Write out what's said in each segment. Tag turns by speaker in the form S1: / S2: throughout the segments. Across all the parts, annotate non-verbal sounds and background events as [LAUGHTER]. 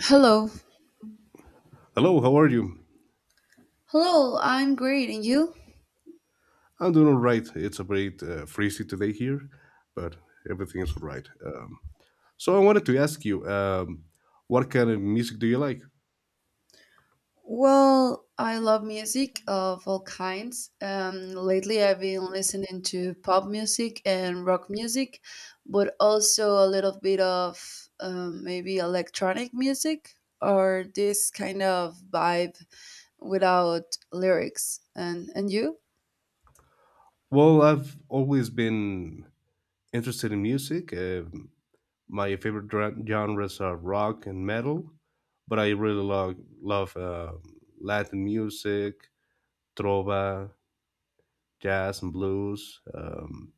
S1: Hello.
S2: Hello, how are you?
S1: Hello, I'm great. And you?
S2: I'm doing all right. It's a bit freezy today here, but everything is all right. So I wanted to ask you, what kind of music do you like?
S1: Well, I love music of all kinds. Lately, I've been listening to pop music and rock music, but also a little bit of maybe electronic music or this kind of vibe without lyrics. And you?
S2: Well, I've always been interested in music. My favorite genres are rock and metal, but I really love Latin music, trova, jazz, and blues.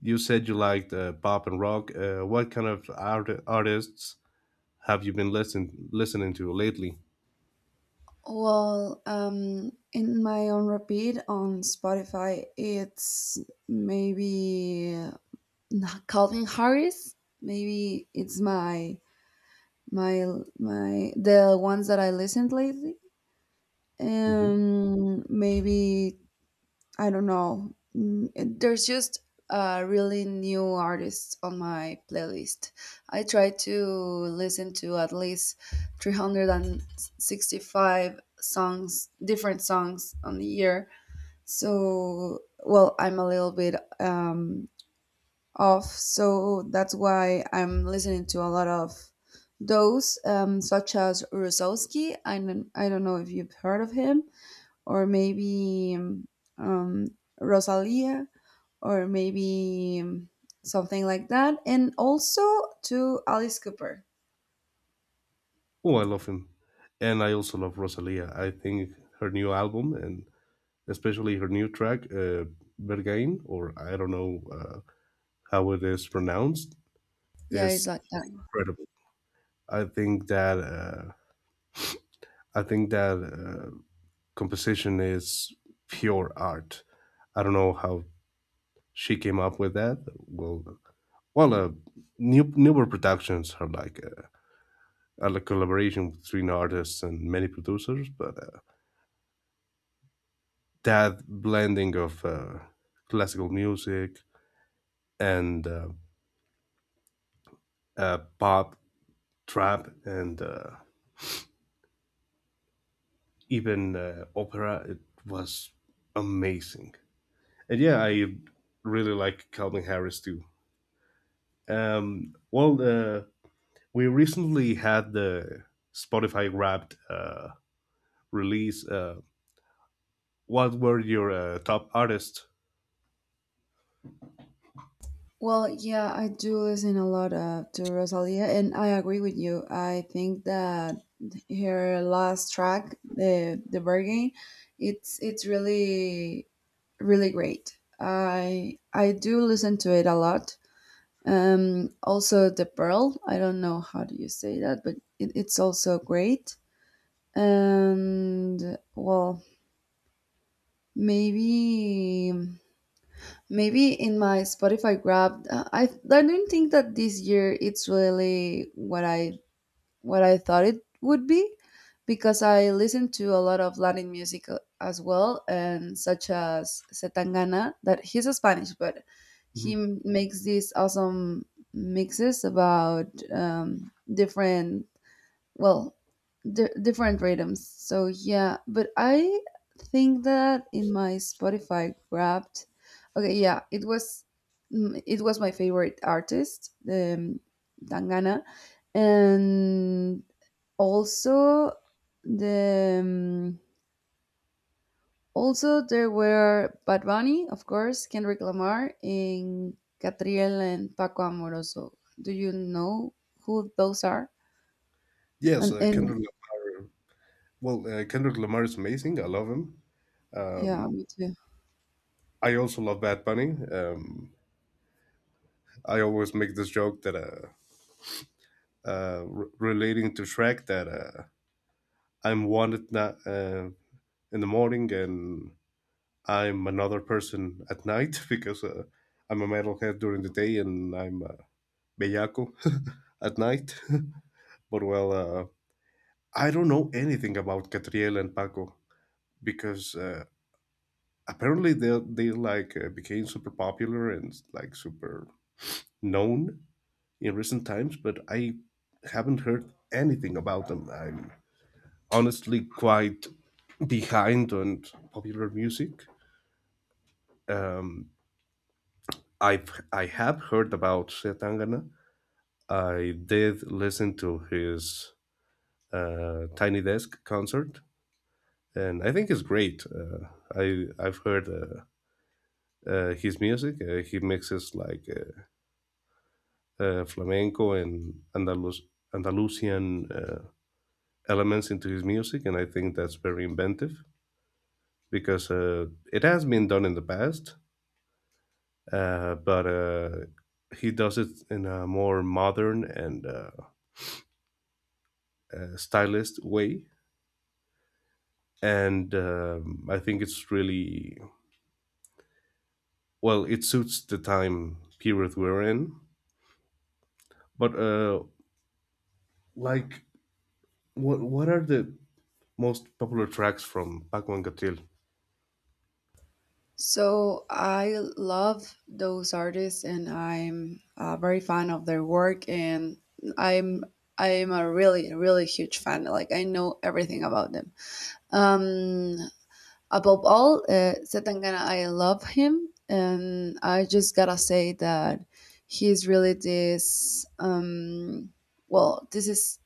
S2: You said you liked pop and rock. What kind of artists have you been listening to lately?
S1: Well, in my own repeat on Spotify, it's maybe Nah, Calvin Harris. Maybe it's my my the ones that I listened lately.
S2: Hmm.
S1: Maybe I don't know. Mm, There's just a really new artists on my playlist. I try to listen to at least 365 songs, different songs on the year. So well, I'm a little bit um off. So that's why I'm listening to a lot of those, such as Rosowski. I don't know if you've heard of him, or maybe um, Rosalia, or maybe something like that. And also to Alice Cooper.
S2: Oh, I love him. And I also love Rosalia. I think her new album and especially her new track, Bergain, or I don't know how it is pronounced,
S1: Yeah, it's
S2: is
S1: like.
S2: incredible. I think that uh, I think that composition is pure art. I don't know how she came up with that. Well, newer productions are like and a collaboration between artists and many producers, but that blending of classical music and pop, trap, and even opera, it was amazing. And yeah, I really like Calvin Harris too. Um, well, uh, we recently had the Spotify Wrapped release. What were your top artists?
S1: Well, yeah, I do listen a lot to Rosalia, and I agree with you. I think that her last track, the bargain, it's really really great. I do listen to it a lot. Also the pearl. I don't know how do you say that, but it's also great. And well, maybe. Maybe in my Spotify grab, I don't think that this year it's really what I thought it would be, because I listen to a lot of Latin music as well, and such as Setangana. That he's a Spanish, but he
S2: Mhm.
S1: makes these awesome mixes about different well di different rhythms. So yeah, but I think that in my Spotify wrapped, okay, yeah, it was, it was my favorite artist, Dangana, and also the also there were Bad Bunny, of course, Kendrick Lamar, and Catriel and Paco Amoroso. Do you know who those are?
S2: Yes,
S1: and and
S2: Kendrick Lamar. Well, Kendrick Lamar is amazing. I love him.
S1: yeah,
S2: Um,
S1: me too.
S2: I also love Bad Bunny. I always make this joke that relating to Shrek that I'm in the morning and I'm another person at night [LAUGHS] because I'm a metalhead during the day and I'm a bellaco [LAUGHS] at night. [LAUGHS] But well, I don't know anything about Catriel and Paco because apparently they became super popular and like super known in recent times, but I haven't heard anything about them. I'm honestly quite behind on popular music. Um, I have heard about Setangana. I did listen to his Tiny Desk concert, and I think it's great. I've heard. His music, he mixes like flamenco and Andalusian elements into his music, and I think that's very inventive because it has been done in the past, but he does it in a more modern and stylist way. And I think it's really well, it suits the time period we're in. But like, what are the most popular tracks from Paco and Catil?
S1: So I love those artists, and I'm very fan of their work, and I'm I'm a really really huge fan. Like I know everything about them. Um, Above all, Setangana, I love him, and I just gotta say that he's really this. This is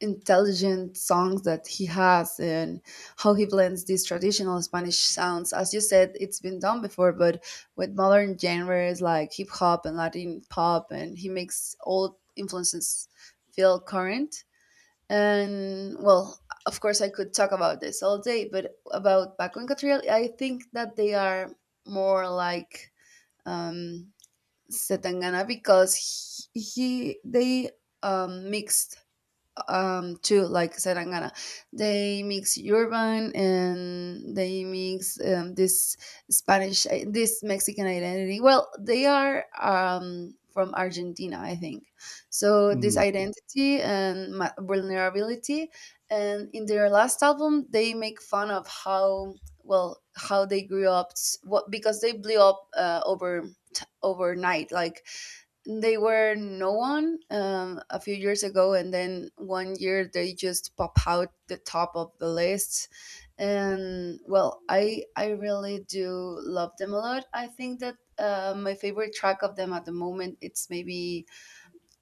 S1: intelligent songs that he has and how he blends these traditional Spanish sounds. As you said, it's been done before, but with modern genres like hip hop and Latin pop, and he makes old influences feel current. And well, of course, I could talk about this all day, but about Paco and Catriel, I think that they are more like um, Setangana because he they mixed too like Serangana. They mix urban and they mix this Spanish this Mexican identity. Well, they are from Argentina, I think. So this
S2: Mm.
S1: identity and vulnerability and in their last album they make fun of how, well, how they grew up s- what because they blew up overnight like they were no one a few years ago, and then one year they just pop out the top of the list. And well, I really do love them a lot. I think that my favorite track of them at the moment it's maybe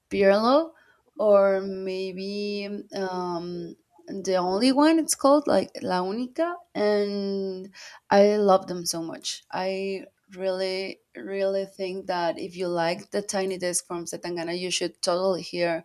S1: Pirlo, or maybe um, the only one. It's called like La Única, and I love them so much. I really, really think that if you like the Tiny Desk from Setangana, you should totally hear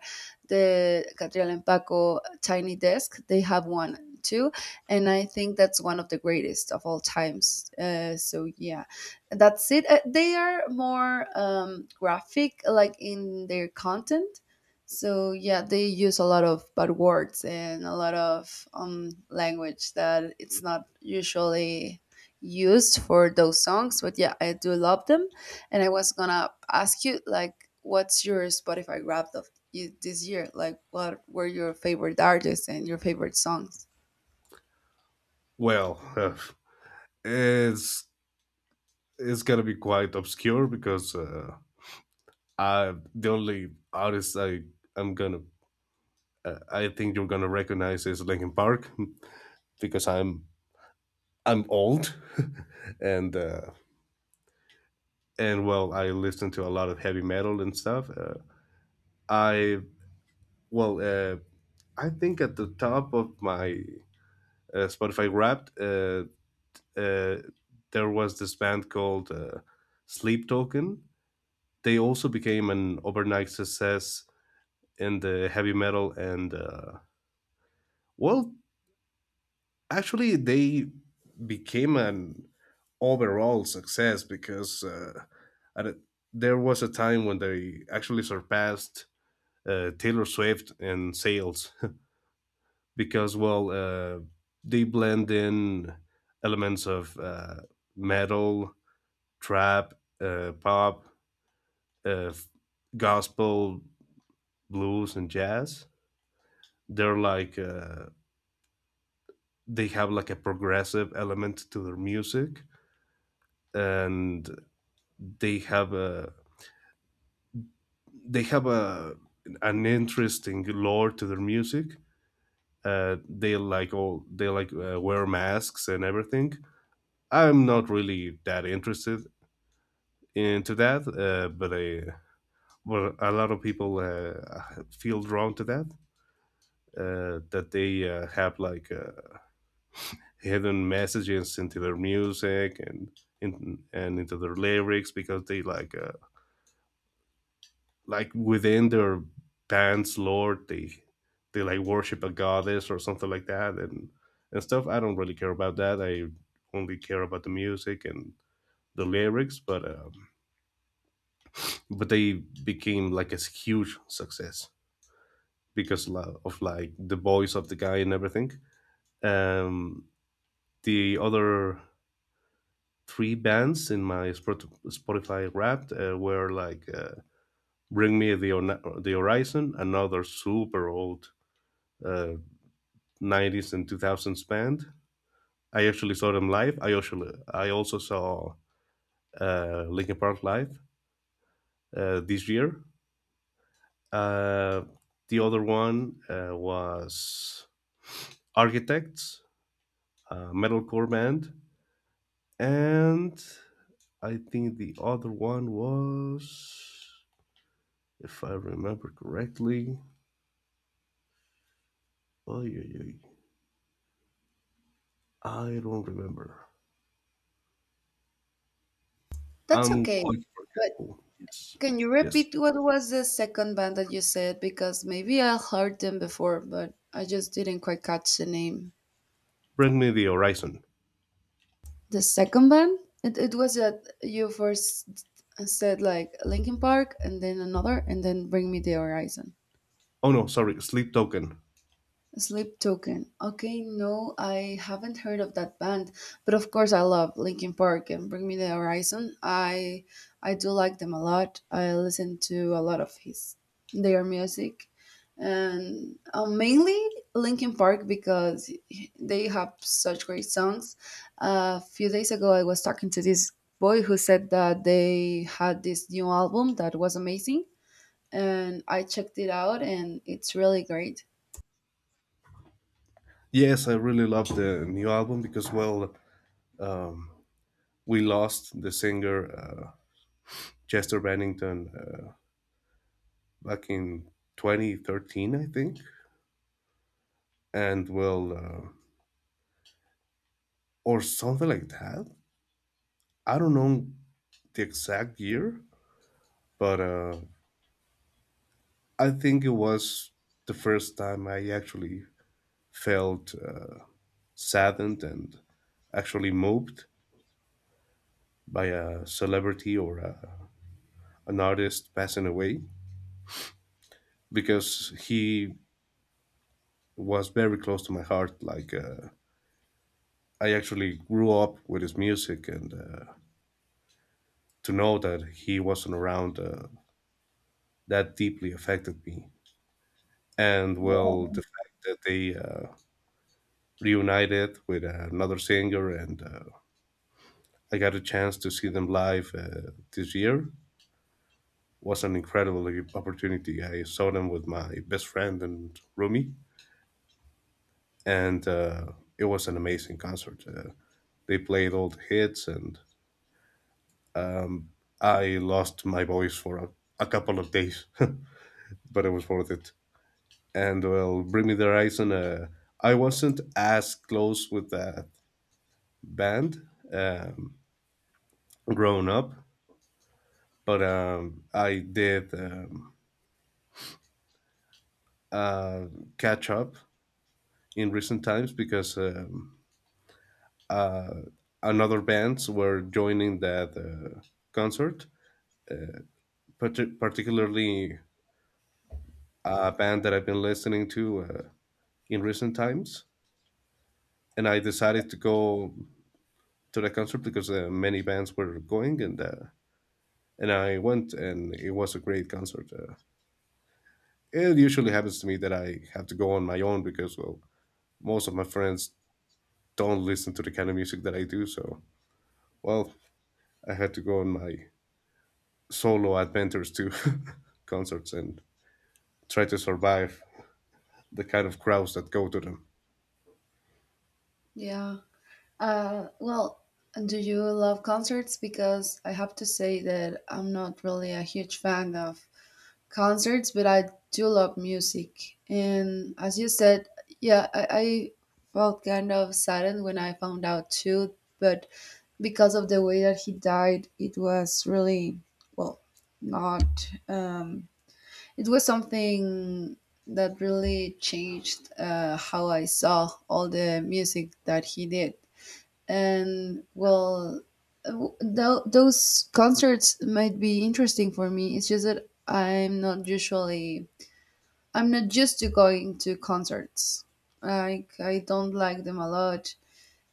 S1: the Catriel and Paco Tiny Desk. They have one too, and I think that's one of the greatest of all times. So yeah, that's it. They are more graphic like in their content, so yeah, they use a lot of bad words and a lot of language that it's not usually used for those songs, but yeah, I do love them. And I was gonna ask you, like, what's your Spotify wrapped of this year? Like what were your favorite artists and your favorite songs?
S2: Well, [LAUGHS] it's it's gonna be quite obscure because the only artist I'm gonna I think you're gonna recognize is Linkin Park [LAUGHS] because I'm old, [LAUGHS] and uh, and well I listen to a lot of heavy metal and stuff. I well uh, I think at the top of my Spotify Wrapped, uh, there was this band called Sleep Token. They also became an overnight success in the heavy metal and well actually they became an overall success because at a- there was a time when they actually surpassed Taylor Swift in sales [LAUGHS] because they blend in elements of metal, trap, pop, uh, f- gospel, blues, and jazz. They're like uh, they have like a progressive element to their music, and they have a they have a an interesting lore to their music. They like wear masks and everything. I'm not really that interested into that, well, a lot of people feel drawn to that. That they have like hidden messages into their music and and into their lyrics because they like within their band's lore they worship a goddess or something like that. And stuff, I don't really care about that. I only care about the music and the lyrics, but they became like a huge success because of like the voice of the guy and everything. um the other three bands in my Spotify Wrapped were like bring me the, Ona- the Horizon, another super old uh, 90s and 2000s band. I actually saw them live. I also saw Linkin Park live this year. Uh, the other one was Architects, a metalcore band, and I think the other one was, if I remember correctly, oh yeah, yeah, I don't remember.
S1: That's
S2: I'm
S1: okay.
S2: quite forgetful. Yes,
S1: Can you
S2: yes.
S1: repeat what was the second band that you said? Because maybe I heard them before, but I just didn't quite catch the name.
S2: Bring Me the Horizon.
S1: The second band? It was that you first said like Linkin Park and then another and then Bring Me the Horizon.
S2: Oh no, sorry, Sleep Token.
S1: Sleep Token. Okay, no, I haven't heard of that band, but of course I love Linkin Park and Bring Me the Horizon. I do like them a lot. I listen to a lot of his their music, and mainly Linkin Park because they have such great songs. A few days ago, I was talking to this boy who said that they had this new album that was amazing, and I checked it out, and it's really great.
S2: Yes, I really love the new album because, well, um, we lost the singer Chester Bennington back in 2013, I think. And, well, or something like that. I don't know the exact year, but I think it was the first time I actually felt saddened and actually moved by a celebrity or an artist passing away because he was very close to my heart. Like, I actually grew up with his music, and to know that he wasn't around that deeply affected me. And
S1: Yeah.
S2: well, the fact that they reunited with another singer, and I got a chance to see them live this year was an incredible opportunity. I saw them with my best friend and roomie, and it was an amazing concert. They played all the hits, and Um, I lost my voice for a couple of days, [LAUGHS] but it was worth it. And well, Bring Me the Horizon, I wasn't as close with that band um, growing up, but I did uh, catch up in recent times because uh, another bands were joining that concert, particularly a band that I've been listening to in recent times, and I decided to go to the concert because many bands were going, and I went, and it was a great concert. It usually happens to me that I have to go on my own because well, most of my friends don't listen to the kind of music that I do, so well, I had to go on my solo adventures to [LAUGHS] concerts and try to survive the kind of crowds that go to them.
S1: Yeah. Uh, well, do you love concerts? Because I have to say that I'm not really a huge fan of concerts, but I do love music. And as you said, yeah, I felt kind of saddened when I found out too, but because of the way that he died, it was really, well, not, it was something that really changed how I saw all the music that he did. And well, those concerts might be interesting for me. It's just that I'm not used to going to concerts. Like I don't like them a lot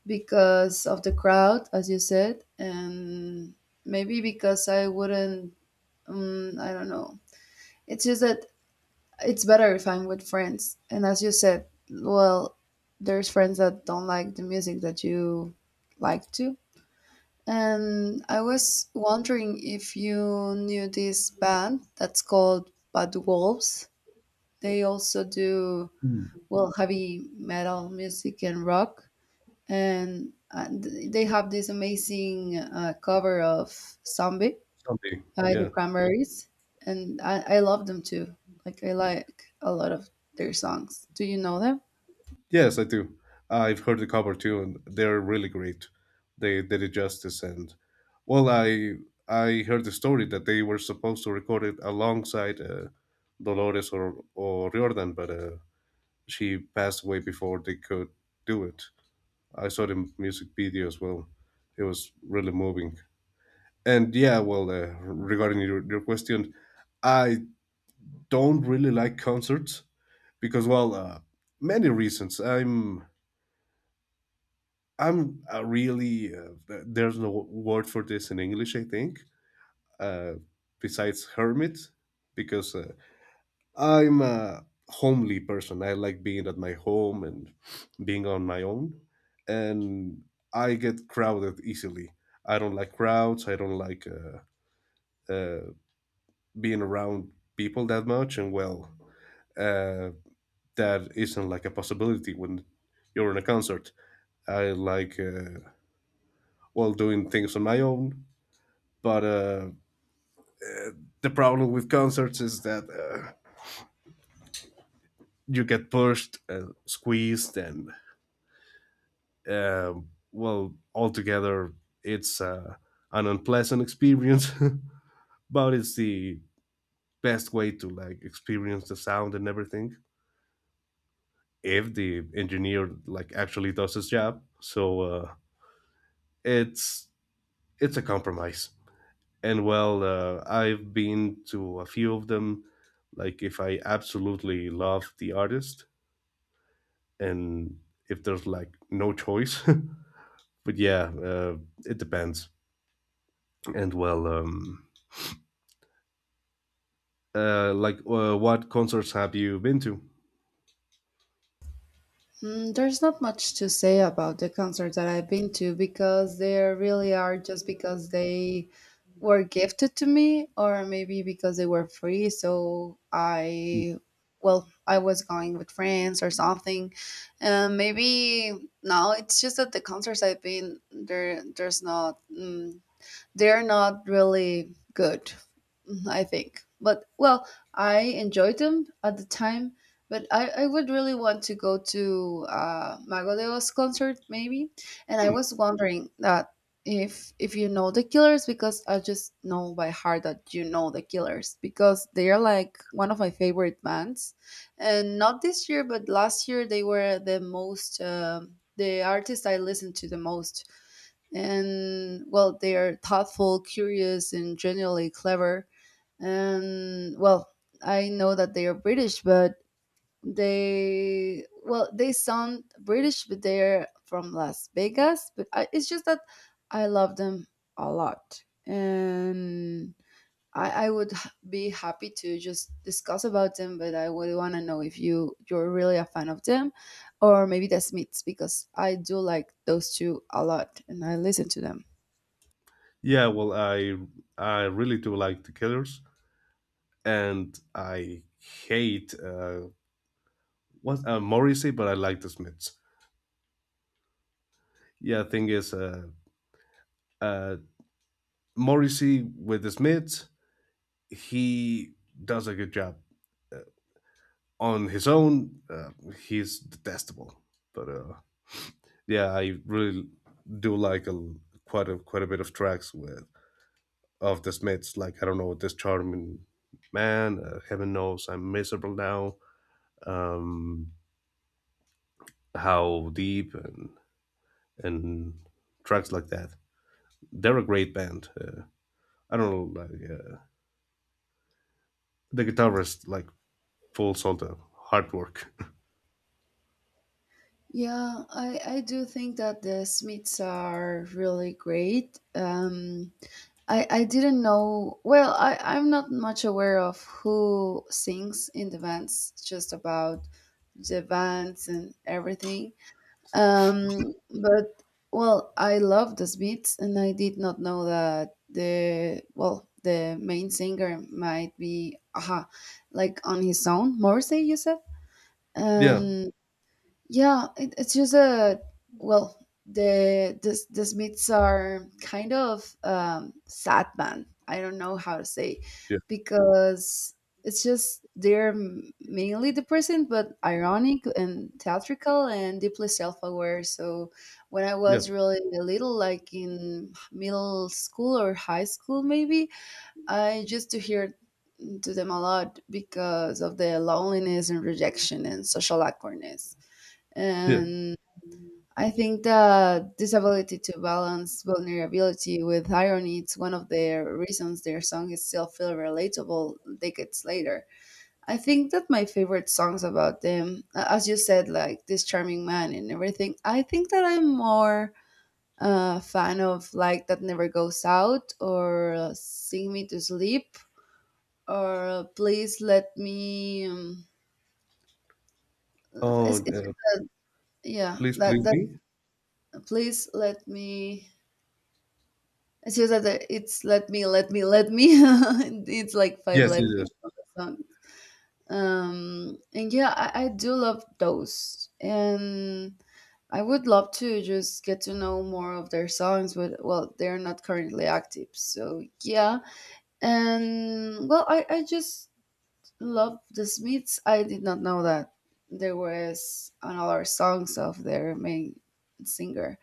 S1: because of the crowd, as you said, and maybe because I wouldn't, I don't know, it's just that it's better if I'm with friends. And as you said, well, there's friends that don't like the music that you like to. And I was wondering if you knew this band that's called Bad Wolves. They also do,
S2: Hmm.
S1: well, heavy metal music and rock, and they have this amazing cover of "Zombie"
S2: Someday,
S1: by the
S2: yeah.
S1: Cranberries, and I love them too. Like I like a lot of their songs. Do you know them?
S2: Yes, I do. I've heard the cover too, and they're really great. They did it justice, and well, I heard the story that they were supposed to record it alongside Dolores or Riordan, but she passed away before they could do it. I saw the music video as well. It was really moving. And yeah, well, regarding your question, I don't really like concerts because, well, many reasons. There's no word for this in English, I think, uh, besides hermit, because I'm a homely person. I like being at my home and being on my own, and I get crowded easily. I don't like crowds. I don't like uh, being around people that much. And well, uh, that isn't like a possibility when you're in a concert. I like well, doing things on my own. But the problem with concerts is that you get pushed and squeezed, and uh, well, altogether, it's an unpleasant experience. [LAUGHS] But it's the best way to like experience the sound and everything if the engineer like actually does his job. So it's it's a compromise. And well, I've been to a few of them. Like if I absolutely love the artist, and if there's like no choice. [LAUGHS] But yeah, it depends. And well, like what concerts have you been to?
S1: Mm, there's not much to say about the concerts that I've been to because they really are just because they were gifted to me, or maybe because they were free, so I, well, I was going with friends or something. Maybe now it's just that the concerts I've been there, there's not, they're not really good, I think. But well, I enjoyed them at the time, but I would really want to go to Mago de Oz concert maybe. And I
S2: Hmm.
S1: was wondering that, if you know the Killers, because I just know by heart that you know the Killers because they are like one of my favorite bands. And not this year but last year they were the most, the artist I listened to the most. And well, they are thoughtful, curious, and generally clever. And well, I know that they are British, but they sound British, but they're from Las Vegas. It's just that I love them a lot. And I would be happy to just discuss about them, but I would want to know if you're really a fan of them, or maybe the Smiths, because I do like those two a lot and I listen to them.
S2: Yeah, well, I really do like the Killers, and I hate what Morrissey, but I like the Smiths. Yeah, thing is, uh, Morrissey with the Smiths, he does a good job on his own. He's detestable, but yeah, I really do like a quite a quite a bit of tracks with of the Smiths. Like, I don't know This Charming Man. Heaven Knows I'm Miserable Now. Um, how Deep, and tracks like that. They're a great band. I don't know. Like, the guitarist like pulls all the hard work.
S1: Yeah, I do think that the Smiths are really great. I didn't know, well, I'm not much aware of who sings in the bands, just about the bands and everything. Um, but, well, I love the Smiths, and I did not know that well, the main singer might be, aha, like on his own, Morrissey, you said?
S2: [LAUGHS] Yeah,
S1: Um, yeah, it's just a, well, the Smiths are kind of sad band. I don't know how to say,
S2: yeah,
S1: because it's just they're mainly depressing, but ironic and theatrical and deeply self-aware. So when I
S2: yeah,
S1: was really little, like in middle school or high school, maybe I used to hear to them a lot because of the loneliness and rejection and social awkwardness.
S2: yeah.
S1: And I think that this ability to balance vulnerability with irony is one of the reasons their songs still feel relatable decades later. I think that my favorite songs about them, as you said, like This Charming Man and everything, I think that I'm more a fan of like That Never Goes Out or Sing Me to Sleep or Please Let Me.
S2: Oh,
S1: It's just that, yeah,
S2: Please, Please
S1: that
S2: Me.
S1: Please Let Me. It's just that the- it's "Let Me, Let Me, Let Me." [LAUGHS] It's like five
S2: Yes, it
S1: "Let Me"
S2: is.
S1: on the song. And yeah, I do love those, and I would love to just get to know more of their songs. But well, they're not currently active, so yeah. And well, I just love the Smiths. I did not know that there was another songs of their main singer,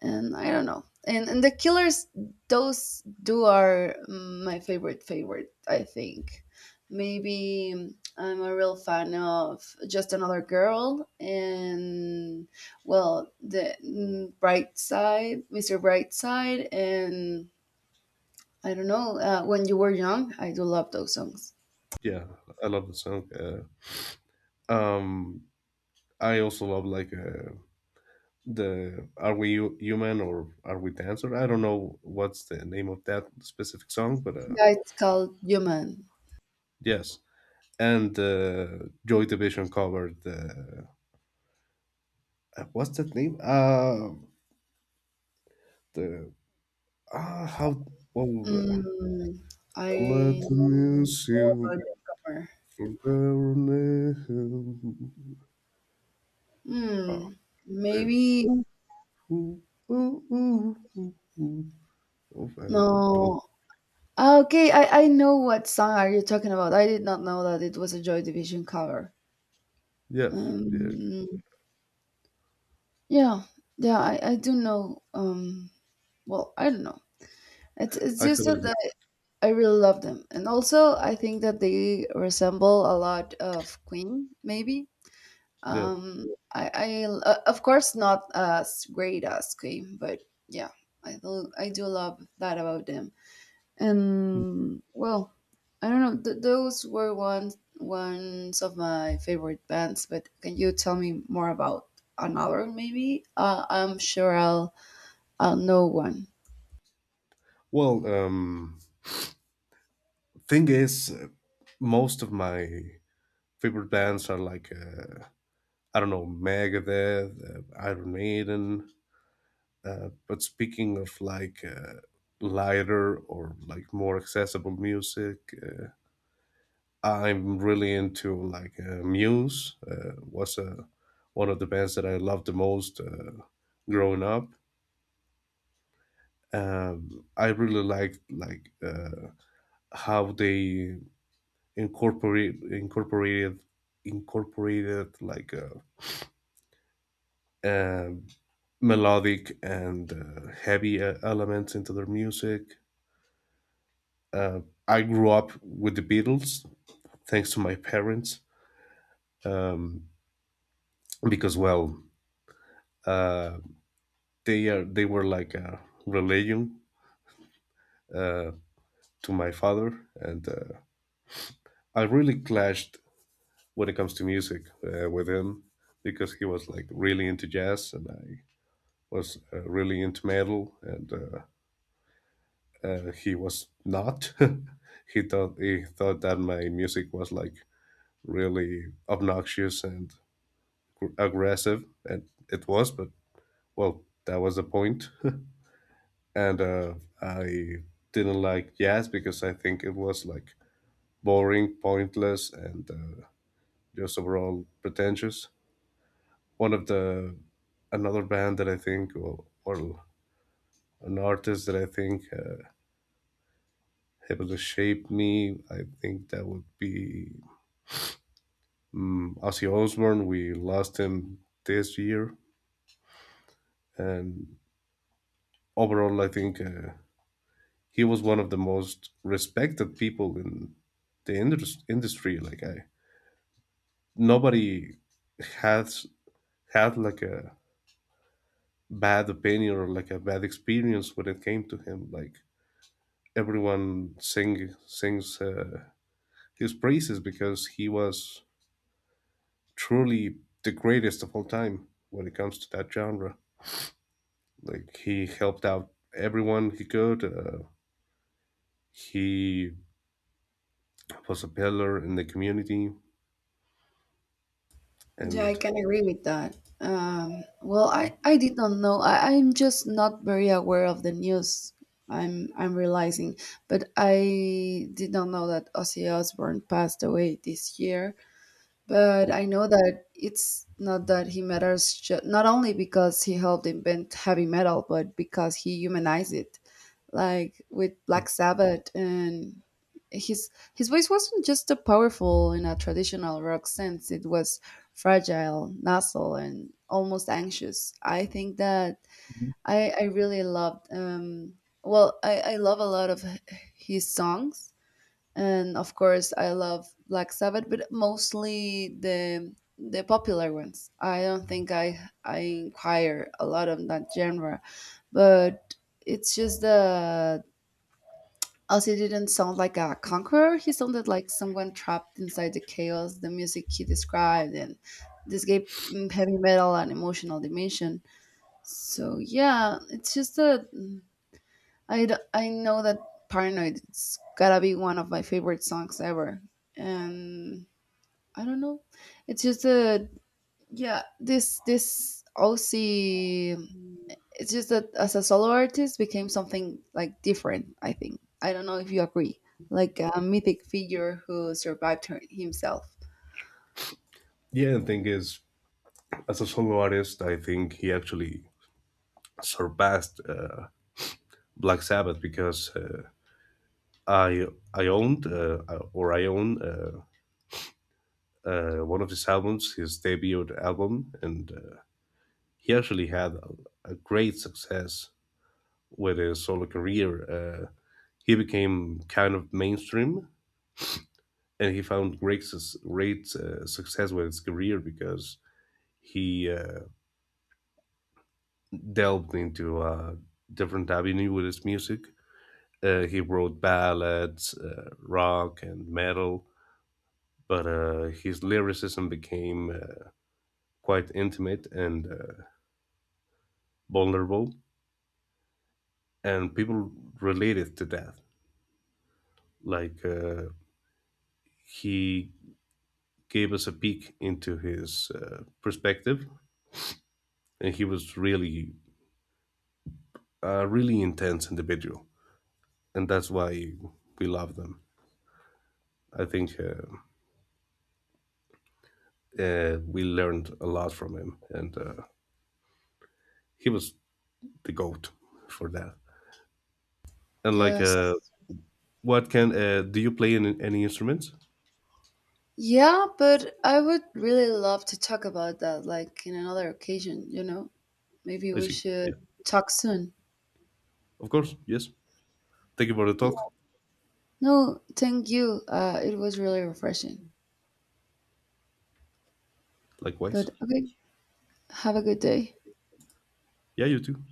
S1: and I don't know. And the Killers, those do are my favorite favorite. I think maybe I'm a real fan of Just Another Girl, and well, the Bright Side, Mr. Bright Side, and I don't know When You Were Young. I do love those songs.
S2: Yeah, I love the song. Um, I also love like the "Are We Human" or "Are We Dancer." I don't know what's the name of that specific song, but
S1: Yeah, it's called Human.
S2: yes, and Joy Division covered the, what's that name? The how well,
S1: Mm,
S2: I let
S1: I
S2: the
S1: know
S2: music
S1: about the cover.
S2: for, oh,
S1: Hmm.
S2: the
S1: Maybe
S2: ooh, ooh, ooh, ooh, ooh. Oh, I don't.
S1: no. Okay, I know what song are you talking about. I did not know that it was a Joy Division cover.
S2: Yeah, yeah.
S1: Um, yeah, yeah, I do know. I don't know. It's
S2: I have
S1: just that
S2: it.
S1: I really love them, and also I think that they resemble a lot of Queen, maybe.
S2: Yeah.
S1: Um, I Of course not as great as Queen, but yeah, I do love that about them. And well, I don't know, those were ones of my favorite bands. But can you tell me more about another, maybe? I'm sure I'll know one.
S2: Well, thing is, most of my favorite bands are like I don't know, Megadeth, Iron Maiden. But speaking of like lighter or like more accessible music, I'm really into like Muse. Was a One of the bands that I loved the most growing up. I really liked like how they incorporate incorporated incorporated like um melodic and heavy elements into their music. Uh, I grew up with the Beatles thanks to my parents um, because uh, they were like a religion uh, to my father, and I really clashed when it comes to music with him because he was like really into jazz, and I was really into metal, and he was not. [LAUGHS] He thought that my music was like really obnoxious and aggressive, and it was. But well, that was the point. [LAUGHS] And I didn't like jazz because I think it was like boring, pointless, and just overall pretentious. One of the Another band that I think, or an artist that I think. Able to shape me. I think that would be Ozzy Osbourne. We lost him this year, and overall, I think he was one of the most respected people in the industry. Like, nobody has had like a bad opinion or like a bad experience when it came to him. Like everyone sings his praises because he was truly the greatest of all time when it comes to that genre. Like he helped out everyone he could. He was a pillar in the community,
S1: Yeah, I
S2: and
S1: can agree with that. Well I did not know. I'm just not very aware of the news. I'm realizing, but I did not know that Ozzy Osbourne passed away this year. But
S2: oh,
S1: I know that it's not that he matters, not only because he helped invent heavy metal, but because he humanized it, like with Black Sabbath. And his voice wasn't just a powerful in a traditional rock sense; it was fragile, nasal, and almost anxious. I think that I really loved. Well, I love a lot of his songs, and of course I love Black Sabbath, but mostly the popular ones. I don't think I inquire a lot on that genre, but it's just the Ozzy didn't sound like a conqueror. He sounded like someone trapped inside the chaos. The music he described, and this gave, heavy metal an emotional dimension. So yeah, it's just a, I know that Paranoid it's gotta be one of my favorite songs ever. And I don't know. It's just a, yeah, this OC, it's just that as a solo artist became something like different, I think. I don't know if you agree. Like a mythic figure who survived himself.
S2: yeah. The thing is, as a solo artist, I think he actually surpassed Black Sabbath because I I owned uh, I own one of his albums, his debut album, and he actually had a great success with his solo career. He became kind of mainstream, and he found great success with his career because he delved into a different avenue with his music. He wrote ballads, rock, and metal, but his lyricism became quite intimate and vulnerable, and people related to that. Like, he gave us a peek into his perspective, and he was really a really intense individual, and that's why we love them. I think we learned a lot from him, and he was the goat for that. And like,
S1: Yes.
S2: what can do you play any instruments?
S1: Yeah, but I would really love to talk about that like in another occasion, you know? Maybe
S2: I
S1: we
S2: see.
S1: should
S2: Yeah,
S1: talk soon.
S2: of course. Yes. Thank you for the talk.
S1: No, thank you. It was really refreshing. But
S2: Likewise.
S1: okay, have a good day.
S2: Yeah, you too.